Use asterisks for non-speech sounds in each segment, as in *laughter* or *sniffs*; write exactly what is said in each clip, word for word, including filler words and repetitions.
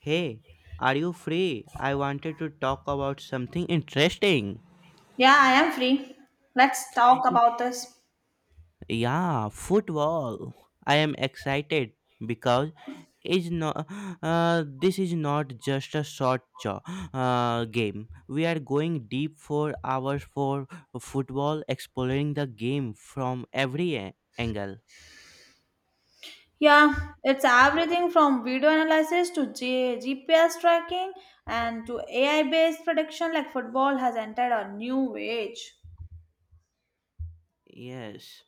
Hey, are you free? I wanted to talk about something interesting. Yeah, I am free. Let's talk about this. Yeah, football. I am excited because is not uh, this is not just a short jo- uh, game. We are going deep for hours for football, exploring the game from every a- angle. Yeah, it's everything from video analysis to G- GPS tracking and to A I based prediction, like football has entered a new age. Yes.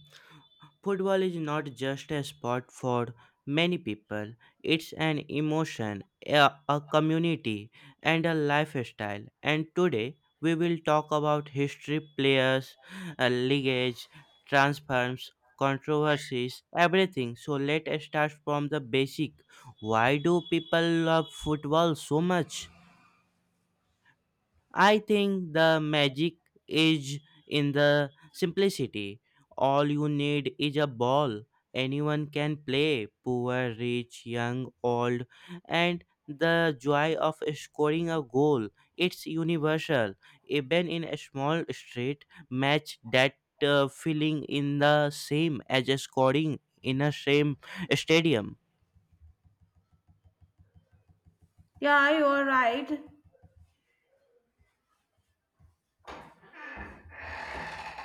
*clears throat* Football is not just a sport for many people. It's an emotion, a, a community, and a lifestyle. And today we will talk about history, players, uh, lineage, transfers, controversies, everything. So let's start from the basic. Why do people love football so much? I think the magic is in the simplicity. All you need is a ball. Anyone can play, poor, rich, young, old, and the joy of scoring a goal. It's universal. Even in a small street match, that uh, feeling in the same as scoring in a same stadium. Yeah, you are right.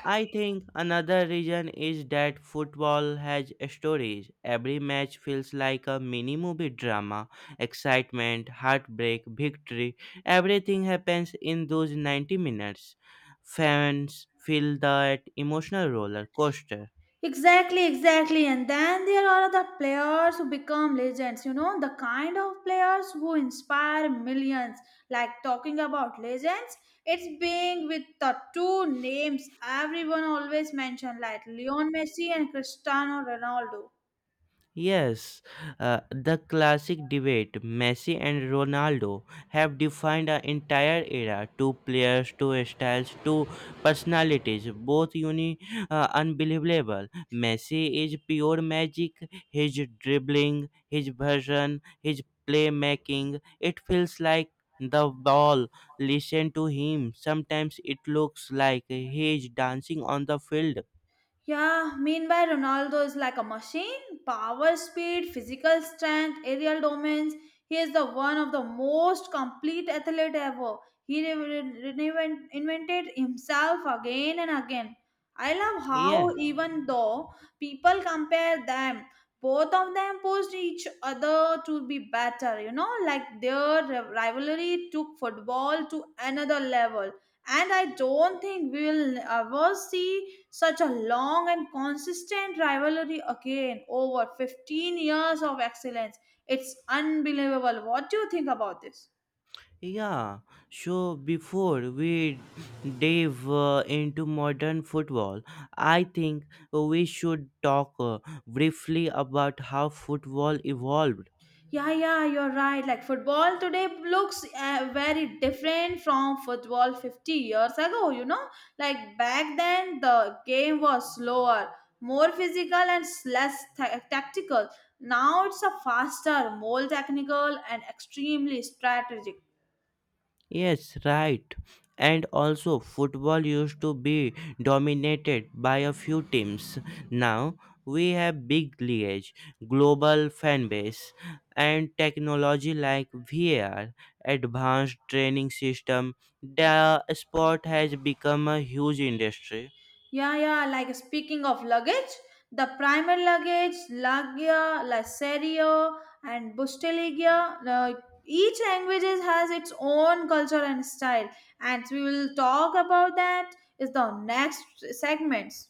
I think another reason is that football has stories. Every match feels like a mini movie drama. Excitement, heartbreak, victory, everything happens in those ninety minutes. Fans feel that emotional roller coaster. Exactly, exactly. And then there are the players who become legends, you know, the kind of players who inspire millions. Like talking about legends, it's being with the two names everyone always mention, like Leon Messi and Cristiano Ronaldo. Yes, uh, the classic debate, Messi and Ronaldo have defined an entire era. Two players, two styles, two personalities, both uni- uh, unbelievable. Messi is pure magic. His dribbling, his version, his playmaking, it feels like the ball listen to him. Sometimes it looks like he is dancing on the field. Yeah, meanwhile, Ronaldo is like a machine. Power, speed, physical strength, aerial dominance. He is the one of the most complete athlete ever. He re- re- reinvent- invented himself again and again. I love Yeah. how even though people compare them, both of them pushed each other to be better. You know, like their rivalry took football to another level. And I don't think we will ever see such a long and consistent rivalry again, over fifteen years of excellence. It's unbelievable. What do you think about this? Yeah, so before we dive uh, into modern football, I think we should talk uh, briefly about how football evolved. Yeah, yeah, you're right. Like football today looks uh, very different from football fifty years ago, you know? Like back then, the game was slower, more physical, and s- less ta- tactical. Now it's a faster, more technical, and extremely strategic. Yes, right. And also, football used to be dominated by a few teams. Now we have big leagues, global fan base, and technology like V R, advanced training system. The sport has become a huge industry. Yeah, yeah. Like speaking of luggage, the primer luggage, Lagia, La Serie, and Busteligia. Uh, each language has its own culture and style, and we will talk about that is the next segments.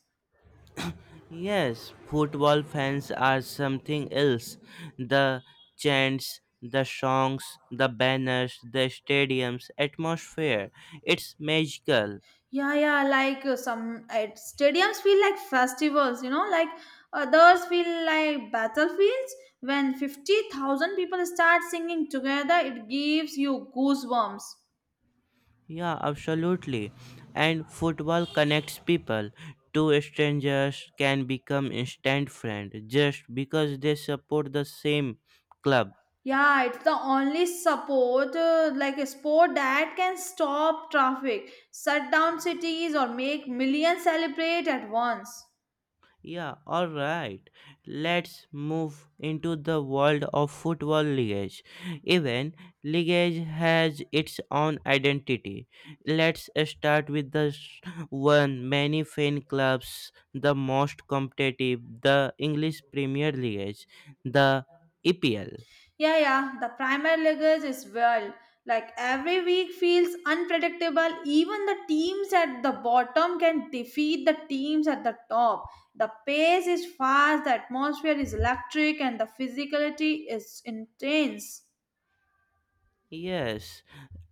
Yes, football fans are something else. The chants, the songs, the banners, the stadiums, atmosphere. It's magical. Yeah, yeah. Like uh, some uh, stadiums feel like festivals, you know. Like others feel like battlefields. When fifty thousand people start singing together, it gives you goosebumps. Yeah, absolutely. And football connects people. Two strangers can become instant friends just because they support the same club. Yeah, it's the only support, uh, like a sport that can stop traffic, shut down cities, or make millions celebrate at once. Yeah, all right. Let's move into the world of football leagues. Even league has its own identity. Let's start with the s- one many fan clubs, the most competitive, the English Premier League, the E P L. Yeah, yeah, the Premier League is well. Like every week feels unpredictable. Even the teams at the bottom can defeat the teams at the top. The pace is fast, the atmosphere is electric, and the physicality is intense. Yes,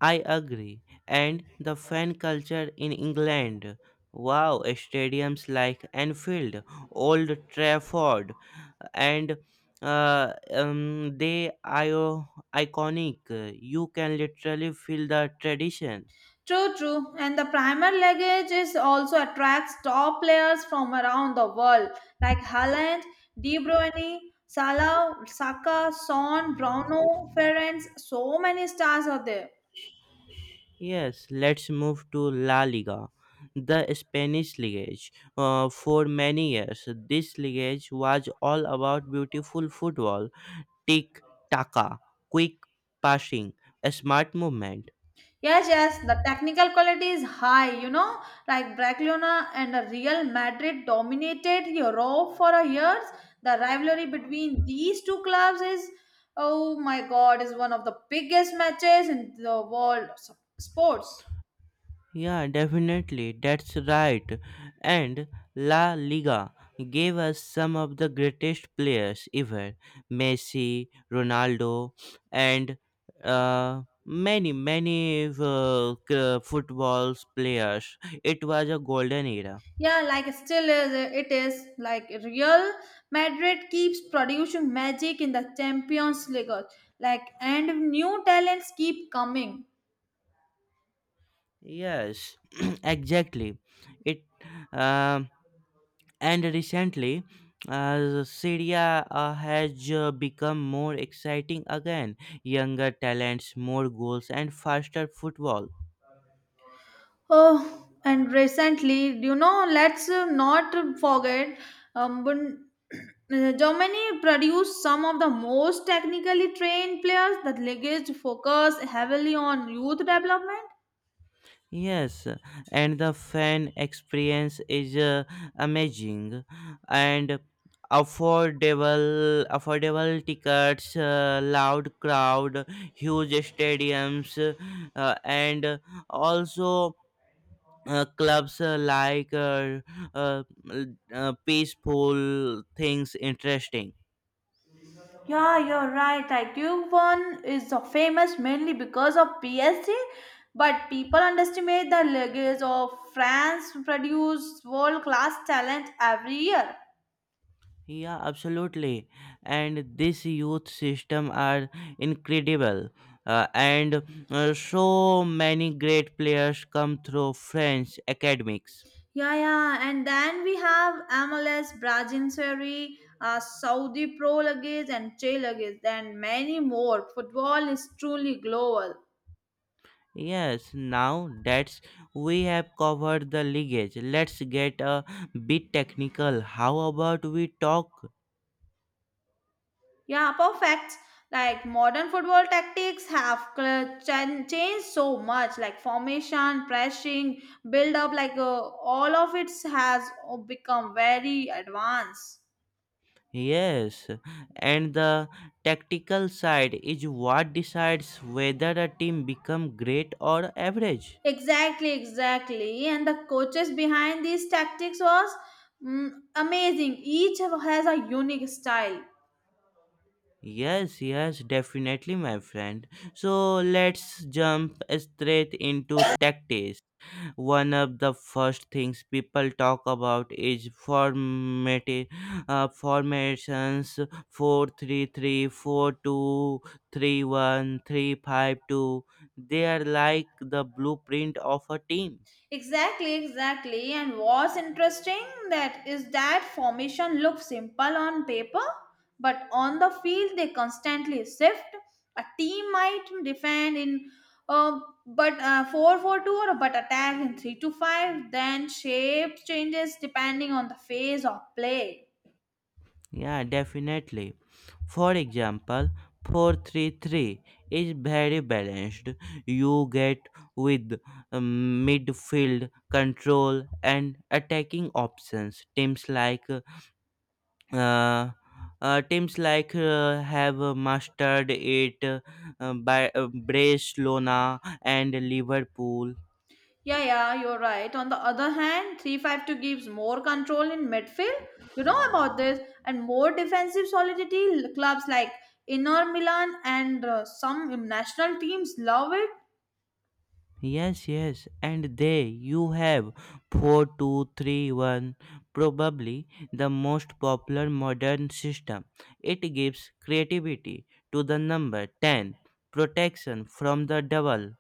I agree. And the fan culture in England, wow, stadiums like Anfield, Old Trafford, and uh, um, they are iconic. You can literally feel the tradition. True, true. And the Premier League is also attracts top players from around the world like Haaland, De Bruyne, Salah, Saka, Son, Bruno, Ferenc. So many stars are there. Yes, let's move to La Liga, the Spanish league. Uh, for many years, this league was all about beautiful football: tick taka, quick passing, a smart movement. Yes, yes, the technical quality is high, you know, like Barcelona and the Real Madrid dominated Europe for a years. The rivalry between these two clubs is, oh my God, is one of the biggest matches in the world of sports. Yeah, definitely, that's right. And La Liga gave us some of the greatest players ever, Messi, Ronaldo, and uh, many, many uh, c- football players. It was a golden era. Yeah, like still is it is like Real Madrid keeps producing magic in the Champions League, like and new talents keep coming. Yes, *clears throat* exactly. It. Um And recently, uh, Syria uh, has uh, become more exciting again. Younger talents, more goals, and faster football. Oh, and recently, you know, let's uh, not forget, um, when *clears throat* Germany produced some of the most technically trained players. The league is focused heavily on youth development. Yes, and the fan experience is uh, amazing and affordable. Affordable tickets, uh, loud crowd, huge stadiums, uh, and also uh, clubs uh, like uh, uh, uh, peaceful things interesting. Yeah, you're right. Like Yukon is so famous mainly because of P S G, but people underestimate the legacy of France produce world-class talent every year. Yeah, absolutely. And this youth system are incredible, uh, and uh, so many great players come through French academics. Yeah, yeah, and then we have M L S, Brazil Seri, uh, Saudi Pro Leagues, and Che Leagues, and many more. Football is truly global. Yes. Now that's we have covered the lineage, let's get a bit technical. How about we talk. Yeah, perfect. Like modern football tactics have cl- chan- changed so much, like formation, pressing, build up, like uh, all of it has uh, become very advanced. Yes, and the tactical side is what decides whether a team become great or average. Exactly, exactly. And the coaches behind these tactics was mm, amazing. Each has a unique style. Yes, yes, definitely, my friend. So let's jump straight into tactics. One of the first things people talk about is formati- uh, formations. Four three three, four two three one three five two. They are like the blueprint of a team. Exactly, exactly. And what's interesting that is that formation looks simple on paper, but on the field they constantly shift. A team might defend in uh, but uh, 4 four two, or but attack in three two five. Then shape changes depending on the phase of play. Yeah, definitely. For example, four three three is very balanced. You get with um, midfield control and attacking options. Teams like uh, uh, teams like uh, have mastered it uh, by uh, Barcelona and Liverpool. Yeah, yeah, you're right. On the other hand, three five two gives more control in midfield. You know about this. And more defensive solidity. Clubs like Inter Milan and uh, some national teams love it. Yes, yes, and there you have four two three one, probably the most popular modern system. It gives creativity to the number ten, protection from the double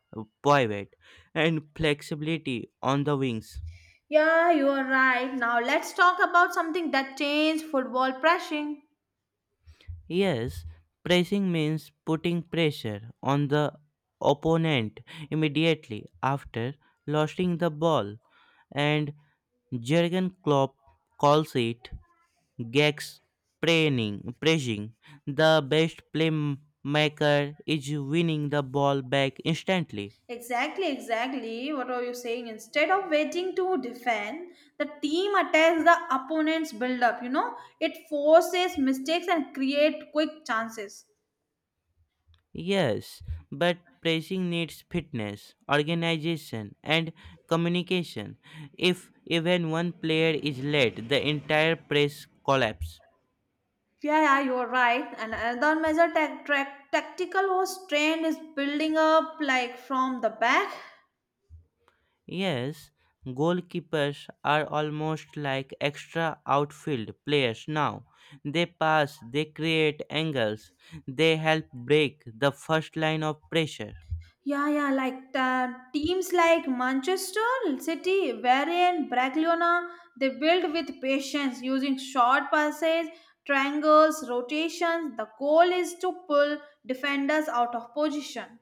pivot, and flexibility on the wings. Yeah, you are right. Now let's talk about something that changed football pressing. Yes, pressing means putting pressure on the opponent immediately after losing the ball, and Jurgen Klopp calls it Gex praying, pressing. The best playmaker is winning the ball back instantly. Exactly, exactly. What are you saying? Instead of waiting to defend, the team attacks the opponent's build up. You know, it forces mistakes and create quick chances. Yes, but pressing needs fitness, organization, and communication. If even one player is late, the entire press collapses. Yeah, yeah, you are right. And another measure tac- trac- tactical was trained is building up like from the back. Yes, goalkeepers are almost like extra outfield players now. They pass, they create angles, they help break the first line of pressure. Yeah, yeah, like the teams like Manchester City, Varian, Bragliona, they build with patience using short passes, triangles, rotations. The goal is to pull defenders out of position.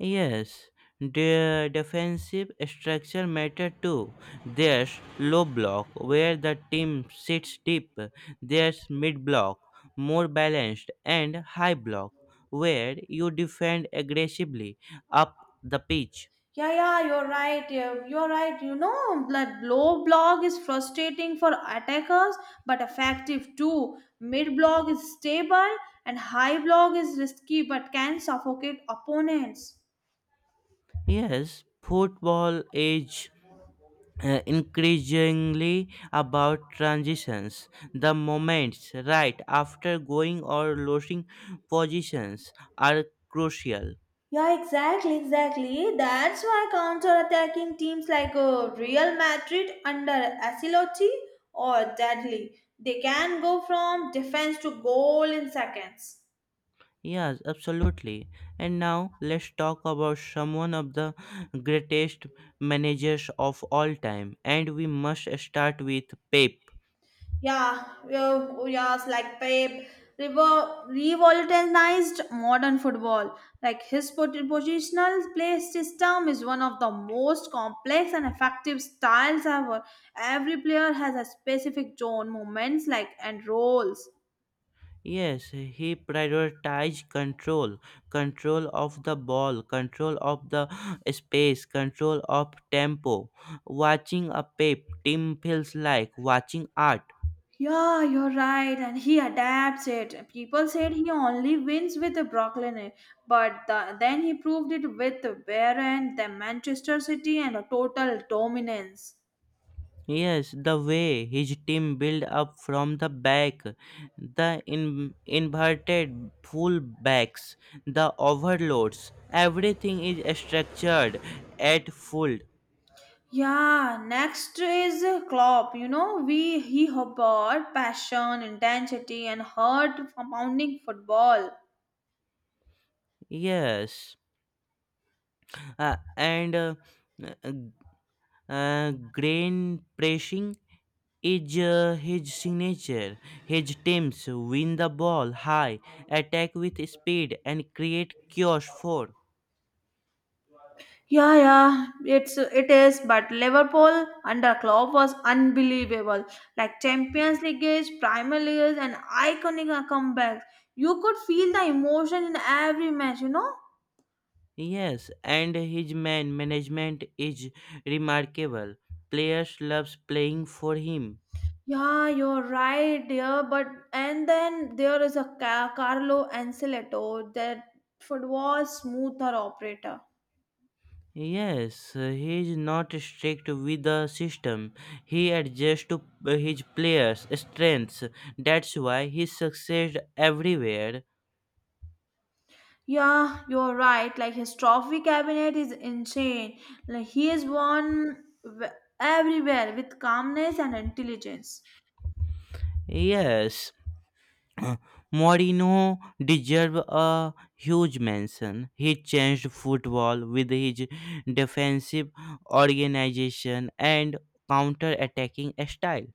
Yes, their defensive structure matter too. There's low block where the team sits deep. There's mid block, more balanced, and high block where you defend aggressively up the pitch. Yeah, yeah, you're right. yeah, You're right. You know that low block is frustrating for attackers but effective too. Mid block is stable and high block is risky but can suffocate opponents. Yes, football is uh, increasingly about transitions. The moments right after going or losing positions are crucial. Yeah, exactly, exactly. That's why counter-attacking teams like uh, Real Madrid under Ancelotti or Deadly, they can go from defense to goal in seconds. Yes, absolutely. And now let's talk about someone of the greatest managers of all time. And we must start with Pep. Yeah, yeah, yes, like Pep revo- revolutionized modern football. Like his pot- positional play system is one of the most complex and effective styles ever. Every player has a specific zone, moments like and roles. Yes, he prioritized control, control of the ball, control of the space, control of tempo. Watching a Pep team feels like watching art. Yeah, you're right, and he adapts it. People said he only wins with the Brooklyn, but the, then he proved it with Bayern, the Manchester City, and a total dominance. Yes, the way his team build up from the back, the in, inverted full backs, the overloads, everything is structured at full. Yeah, next is Klopp. You know, we he brought passion, intensity, and heart pounding football. Yes, uh, and uh, uh, uh, grain pressing is uh, his signature. His teams win the ball high, attack with speed, and create chaos for. Yeah, yeah, it's it is. But Liverpool under Klopp was unbelievable. Like Champions League, Premier League, and iconic comebacks. You could feel the emotion in every match. You know. Yes, and his man management is remarkable. Players loves playing for him. Yeah, you're right, dear. But and then there is a Ca- Carlo Ancelotti, that football smoother operator. Yes, he is not strict with the system. He adjusts to his players' strengths. That's why he succeeds everywhere. Yeah, you're right. Like his trophy cabinet is insane. Like he is won w- everywhere with calmness and intelligence. Yes, *clears throat* Mourinho deserves a huge mention. He changed football with his defensive organization and counter-attacking style.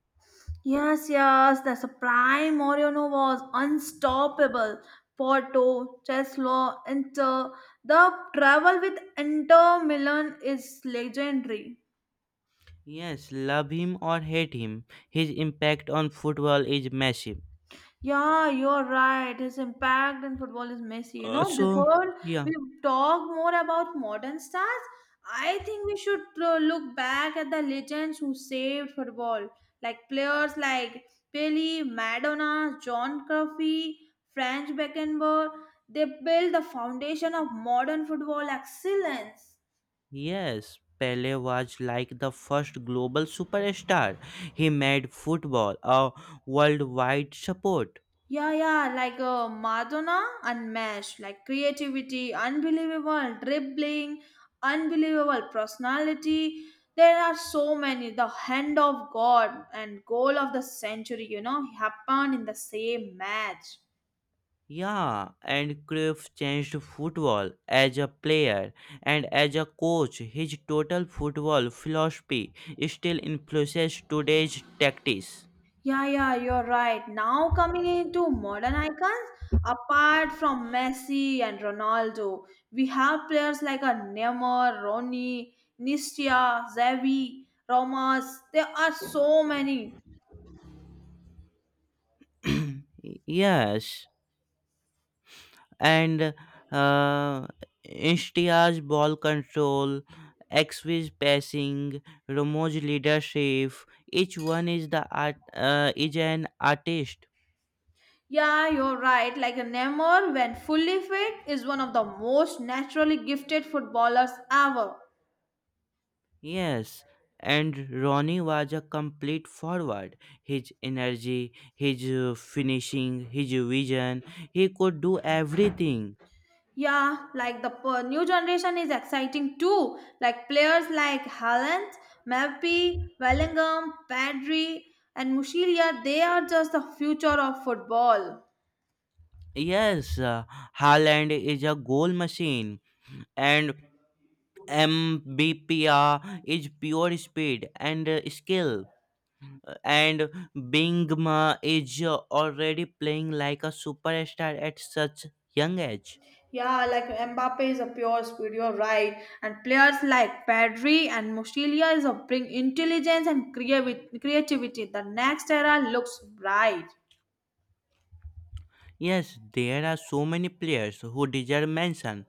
Yes, yes, the sublime Moreno was unstoppable. Porto, Cheslo, Inter. The travel with Inter Milan is legendary. Yes, love him or hate him, his impact on football is massive. Yeah, you're right. His impact in football is messy, you Uh, know, So, before yeah, we talk more about modern stars. I think we should uh, look back at the legends who saved football, like players like Pelé, Madonna, John Cruyff, Franz Beckenbauer. They built the foundation of modern football excellence. yes, Pele was like the first global superstar. He made football a worldwide sport. Yeah, yeah, like uh, Madonna unmatched, like creativity, unbelievable, dribbling, unbelievable personality. There are so many. The hand of God and goal of the century, you know, happened in the same match. Yeah, and Cruyff changed football as a player and as a coach. His total football philosophy still influences today's tactics. Yeah, yeah, you're right. Now coming into modern icons, apart from Messi and Ronaldo, we have players like a Neymar, Ronnie, Nistia, Xavi, Ramos. There are so many. Y- Yes, and uh, Ishtia's ball control, Xvi's passing, Romo's leadership. Each one is the art, uh, is an artist. Yeah, you're right. Like a Neymar, when fully fit, is one of the most naturally gifted footballers ever. Yes, and Ronnie was a complete forward. His energy, his uh, finishing, his vision, he could do everything. Yeah, like the per- new generation is exciting too. Like players like Haaland, Mbappe, Bellingham, Pedri, and Mushilia, they are just the future of football. Yes, uh, Haaland is a goal machine, and Mbppa is pure speed and uh, skill, uh, and Bingma is uh, already playing like a superstar at such young age. Yeah, like Mbappe is a pure speed, you're right. And players like Pedri and Mushilia is a bring intelligence and creavi- creativity. The next era looks bright. Yes, there are so many players who deserve mention.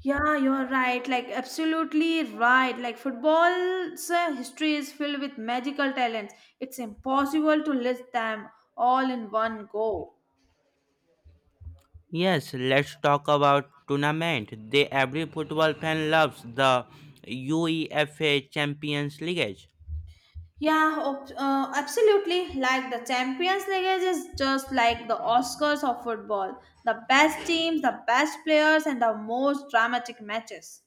Yeah, you're right. Like, absolutely right. Like, football's uh, history is filled with magical talents. It's impossible to list them all in one go. Yes, let's talk about tournament. They every football fan loves the UEFA Champions League. Yeah, ob- uh, absolutely. Like, the Champions League is just like the Oscars of football, the best teams, the best players, and the most dramatic matches.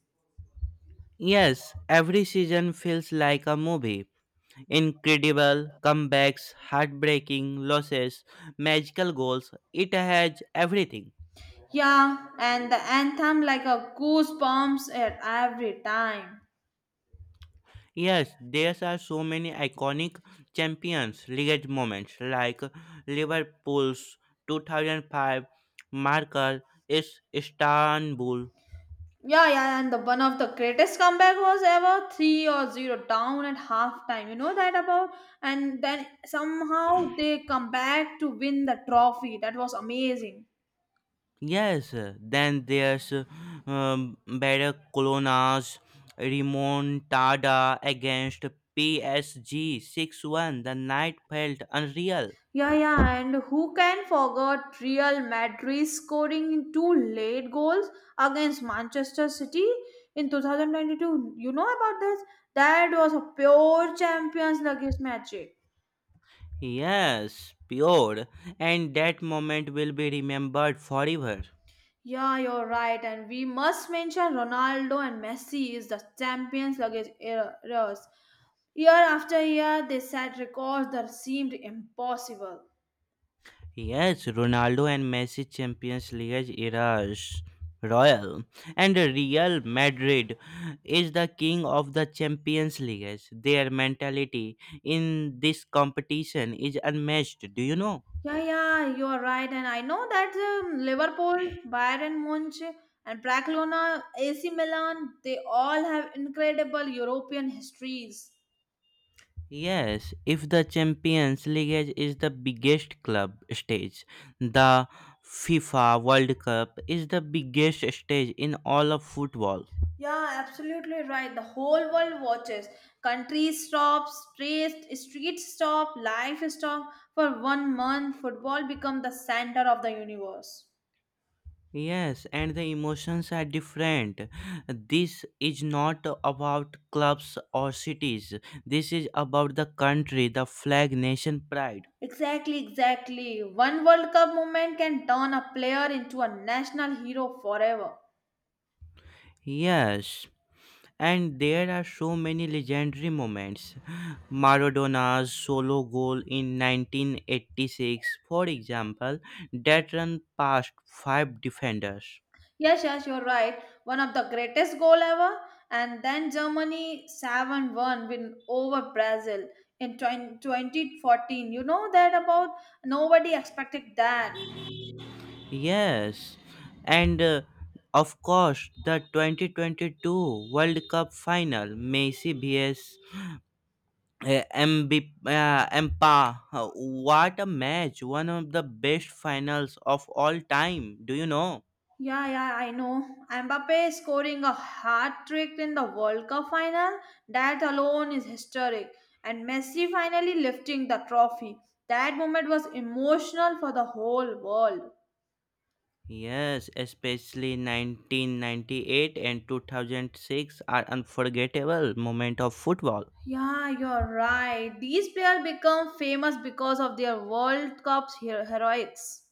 Yes, every season feels like a movie. Incredible comebacks, heartbreaking losses, magical goals. It has everything. Yeah, and the anthem like a goosebumps at every time. Yes, there are so many iconic Champions League moments like Liverpool's two thousand five marker is Istanbul. Yeah, yeah, and the one of the greatest comeback was ever three or zero down at halftime. You know that about, and then somehow they come back to win the trophy. That was amazing. Yes, then there's um, Barcelona's remontada against P S G six one. The night felt unreal. Yeah, yeah, and who can forget Real Madrid scoring two late goals against Manchester City in twenty twenty-two? You know about this? That was a pure Champions League magic. Yes, pure, and that moment will be remembered forever. Yeah, you're right, and we must mention Ronaldo and Messi is the champions luggage errors. Year after year, they set records that seemed impossible. Yes, Ronaldo and Messi Champions League eras. Royal and Real Madrid is the king of the Champions League. Their mentality in this competition is unmatched. Do you know? Yeah, yeah, you are right, and I know that um, Liverpool, Bayern Munich, and Barcelona, A C Milan, they all have incredible European histories. Yes, if the Champions League is the biggest club stage, the FIFA World Cup is the biggest stage in all of football. Yeah, absolutely right. The whole world watches. Countries stop, streets, streets stop, life stop. For one month, football become the center of the universe. Yes, and the emotions are different. This is not about clubs or cities. This is about the country, the flag, nation pride. Exactly, exactly. One World Cup moment can turn a player into a national hero forever. Yes. And there are so many legendary moments. Maradona's solo goal in nineteen eighty-six, for example, that run past five defenders. Yes, yes, you're right. One of the greatest goal ever. And then Germany seven one win over Brazil in twenty twenty fourteen. You know that about nobody expected that. Yes, and uh, of course, the twenty twenty-two World Cup final, Messi versus uh, M B, uh, Mpa. What a match! One of the best finals of all time. Do you know? Yeah, yeah, I know. Mbappe scoring a hat trick in the World Cup final, that alone is historic. And Messi finally lifting the trophy. That moment was emotional for the whole world. Yes, especially nineteen ninety-eight and two thousand six are unforgettable moment of football. Yeah, you're right. These players become famous because of their World Cup hero- heroics.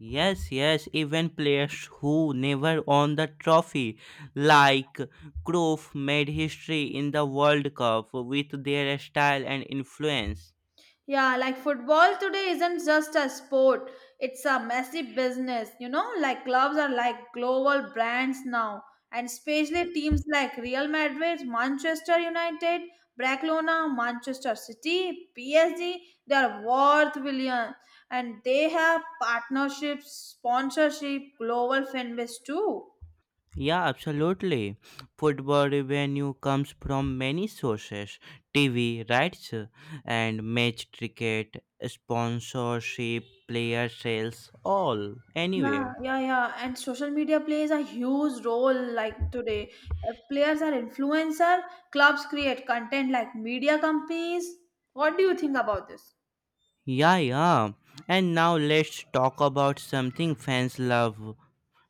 Yes, yes, even players who never won the trophy, like Cruyff, made history in the World Cup with their style and influence. Yeah, like football today isn't just a sport, it's a massive business. You know, like clubs are like global brands now, and especially teams like Real Madrid, Manchester United, Barcelona, Manchester City, P S G, they are worth billion, and they have partnerships, sponsorship, global fan base too. Yeah, absolutely. Football revenue comes from many sources: T V rights uh, and match ticket, sponsorship, player sales, all, Yeah, anywhere. yeah, yeah. And social media plays a huge role like today. Uh, Players are influencer, clubs create content like media companies. What do you think about this? Yeah, yeah. And now let's talk about something fans love,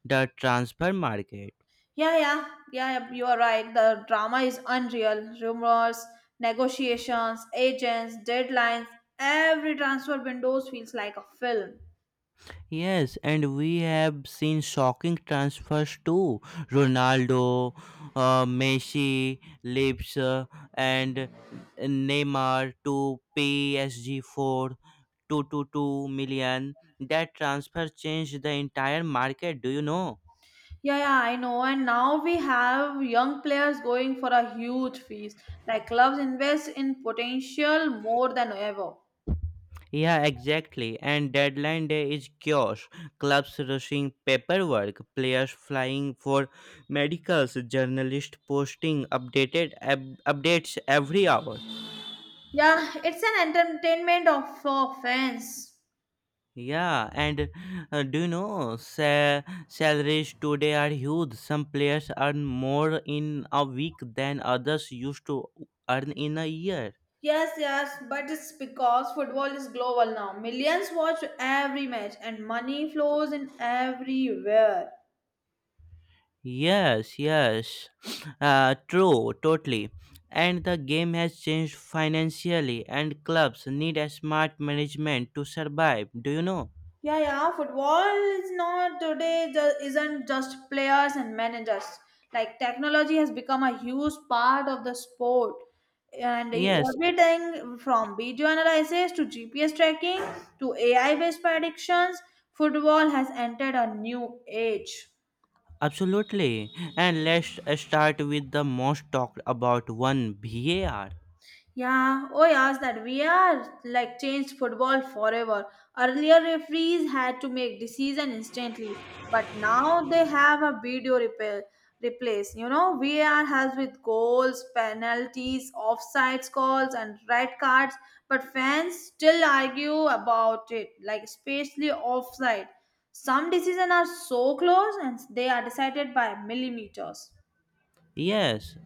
the transfer market. Yeah, yeah, yeah, yeah, You are right. The drama is unreal. Rumors, negotiations, agents, deadlines, every transfer windows feels like a film. Yes, and we have seen shocking transfers too. Ronaldo, uh, Messi, Lips, uh, and Neymar to P S G for 222 million. That transfer changed the entire market, do you know? Yeah, yeah, I know. And now we have young players going for a huge fees. Like clubs invest in potential more than ever. Yeah, exactly. And deadline day is chaos. Clubs rushing paperwork, players flying for medicals, journalists posting updated ab- updates every hour. Yeah, it's an entertainment of for fans. Yeah, and uh, do you know, sa- salaries today are huge. Some players earn more in a week than others used to earn in a year. Yes, yes, but it's because football is global now. Millions watch every match and money flows in everywhere. Yes, yes, *sniffs* uh, true, totally. And the game has changed financially, and clubs need a smart management to survive. Do you know? Yeah, yeah, football is not today ju- isn't just players and managers. Like technology has become a huge part of the sport. And Yes, everything from video analysis to G P S tracking to A I based predictions, football has entered a new age. absolutely. And let's uh, start with the most talked about one, var. Yeah, oh yes, that we are like changed football forever. Earlier referees had to make decision instantly, but now they have a video repair replace. You know, var has with goals, penalties, offsides calls, and red cards, but fans still argue about it, like especially offside. Some decisions are so close and they are decided by millimeters. Yes,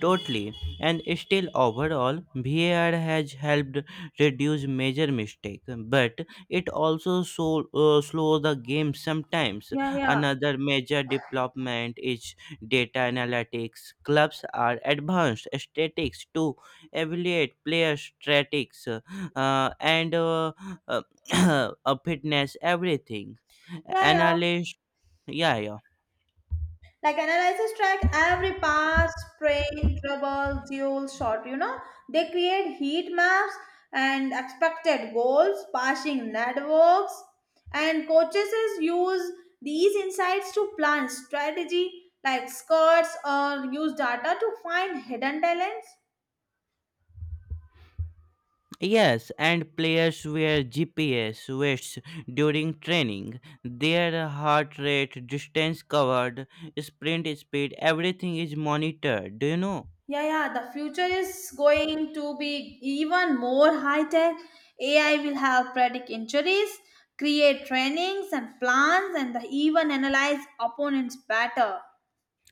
totally. And still, overall, var has helped reduce major mistake, but it also so, uh, slows the game sometimes. Yeah, yeah. Another major development is data analytics. Clubs are advanced statistics to evaluate player statistics uh, and uh, uh, *coughs* *clears throat* uh, fitness, everything. Yeah, yeah. Analyst, yeah, yeah. Like analysis track every pass, strain, trouble, dual, shot, you know. They create heat maps and expected goals, passing networks, and coaches is use these insights to plan strategy like skirts or use data to find hidden talents. Yes, and players wear G P S vests during training. Their heart rate, distance covered, sprint speed, everything is monitored. Do you know? Yeah, yeah, the future is going to be even more high tech. A I will help predict injuries, create trainings and plans, and even analyze opponents better.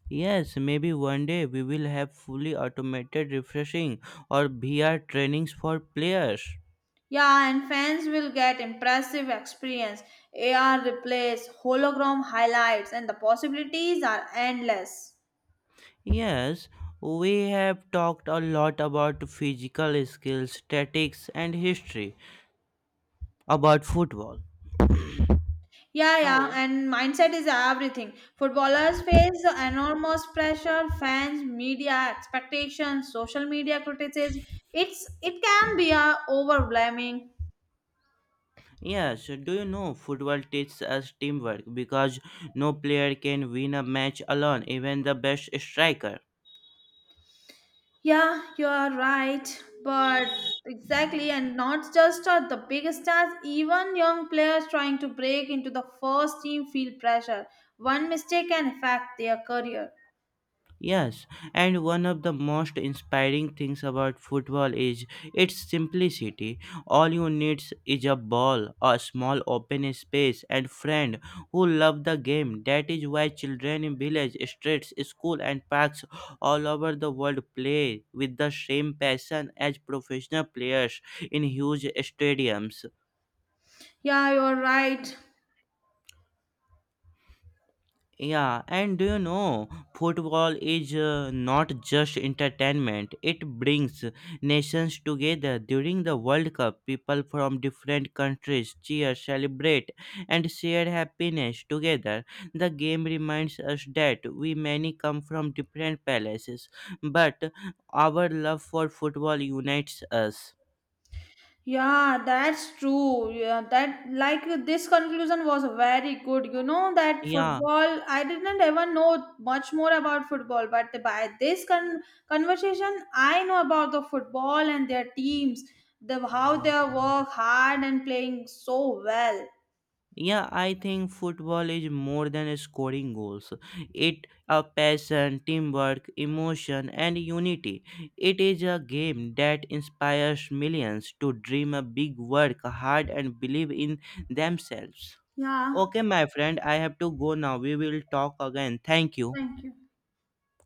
Yes, maybe one day we will have fully automated refreshing or V R trainings for players. Yeah, and fans will get impressive experience. A R replace hologram highlights, and the possibilities are endless. Yes, we have talked a lot about physical skills, statics, and history about football. Yeah, yeah, So, and mindset is everything. Footballers face enormous pressure, fans, media expectations, social media criticism. It's it can be a overwhelming. yes, do you know, football teaches us teamwork because no player can win a match alone, even the best striker. Yeah, you are right, but exactly, and not just uh, the big stars. Even young players trying to break into the first team feel pressure. One mistake can affect their career. Yes, and one of the most inspiring things about football is its simplicity. All you need is a ball, a small open space, and friend who love the game. That is why children in village, streets, school, and parks all over the world play with the same passion as professional players in huge stadiums. Yeah, you are right. Yeah, and do you know, football is uh, not just entertainment. It brings nations together. During the World Cup, people from different countries cheer, celebrate, and share happiness together. The game reminds us that we many come from different places, but our love for football unites us. Yeah, that's true. Yeah, that like this conclusion was very good. You know that Yeah. football, I didn't ever know much more about football, but by this con- conversation, I know about the football and their teams, the how they work hard and playing so well. Yeah, I think football is more than scoring goals. It a passion, teamwork, emotion and unity. It is a game that inspires millions to dream a big, work hard and believe in themselves. Yeah, Okay, my friend, I have to go now. We will talk again. Thank you. thank you.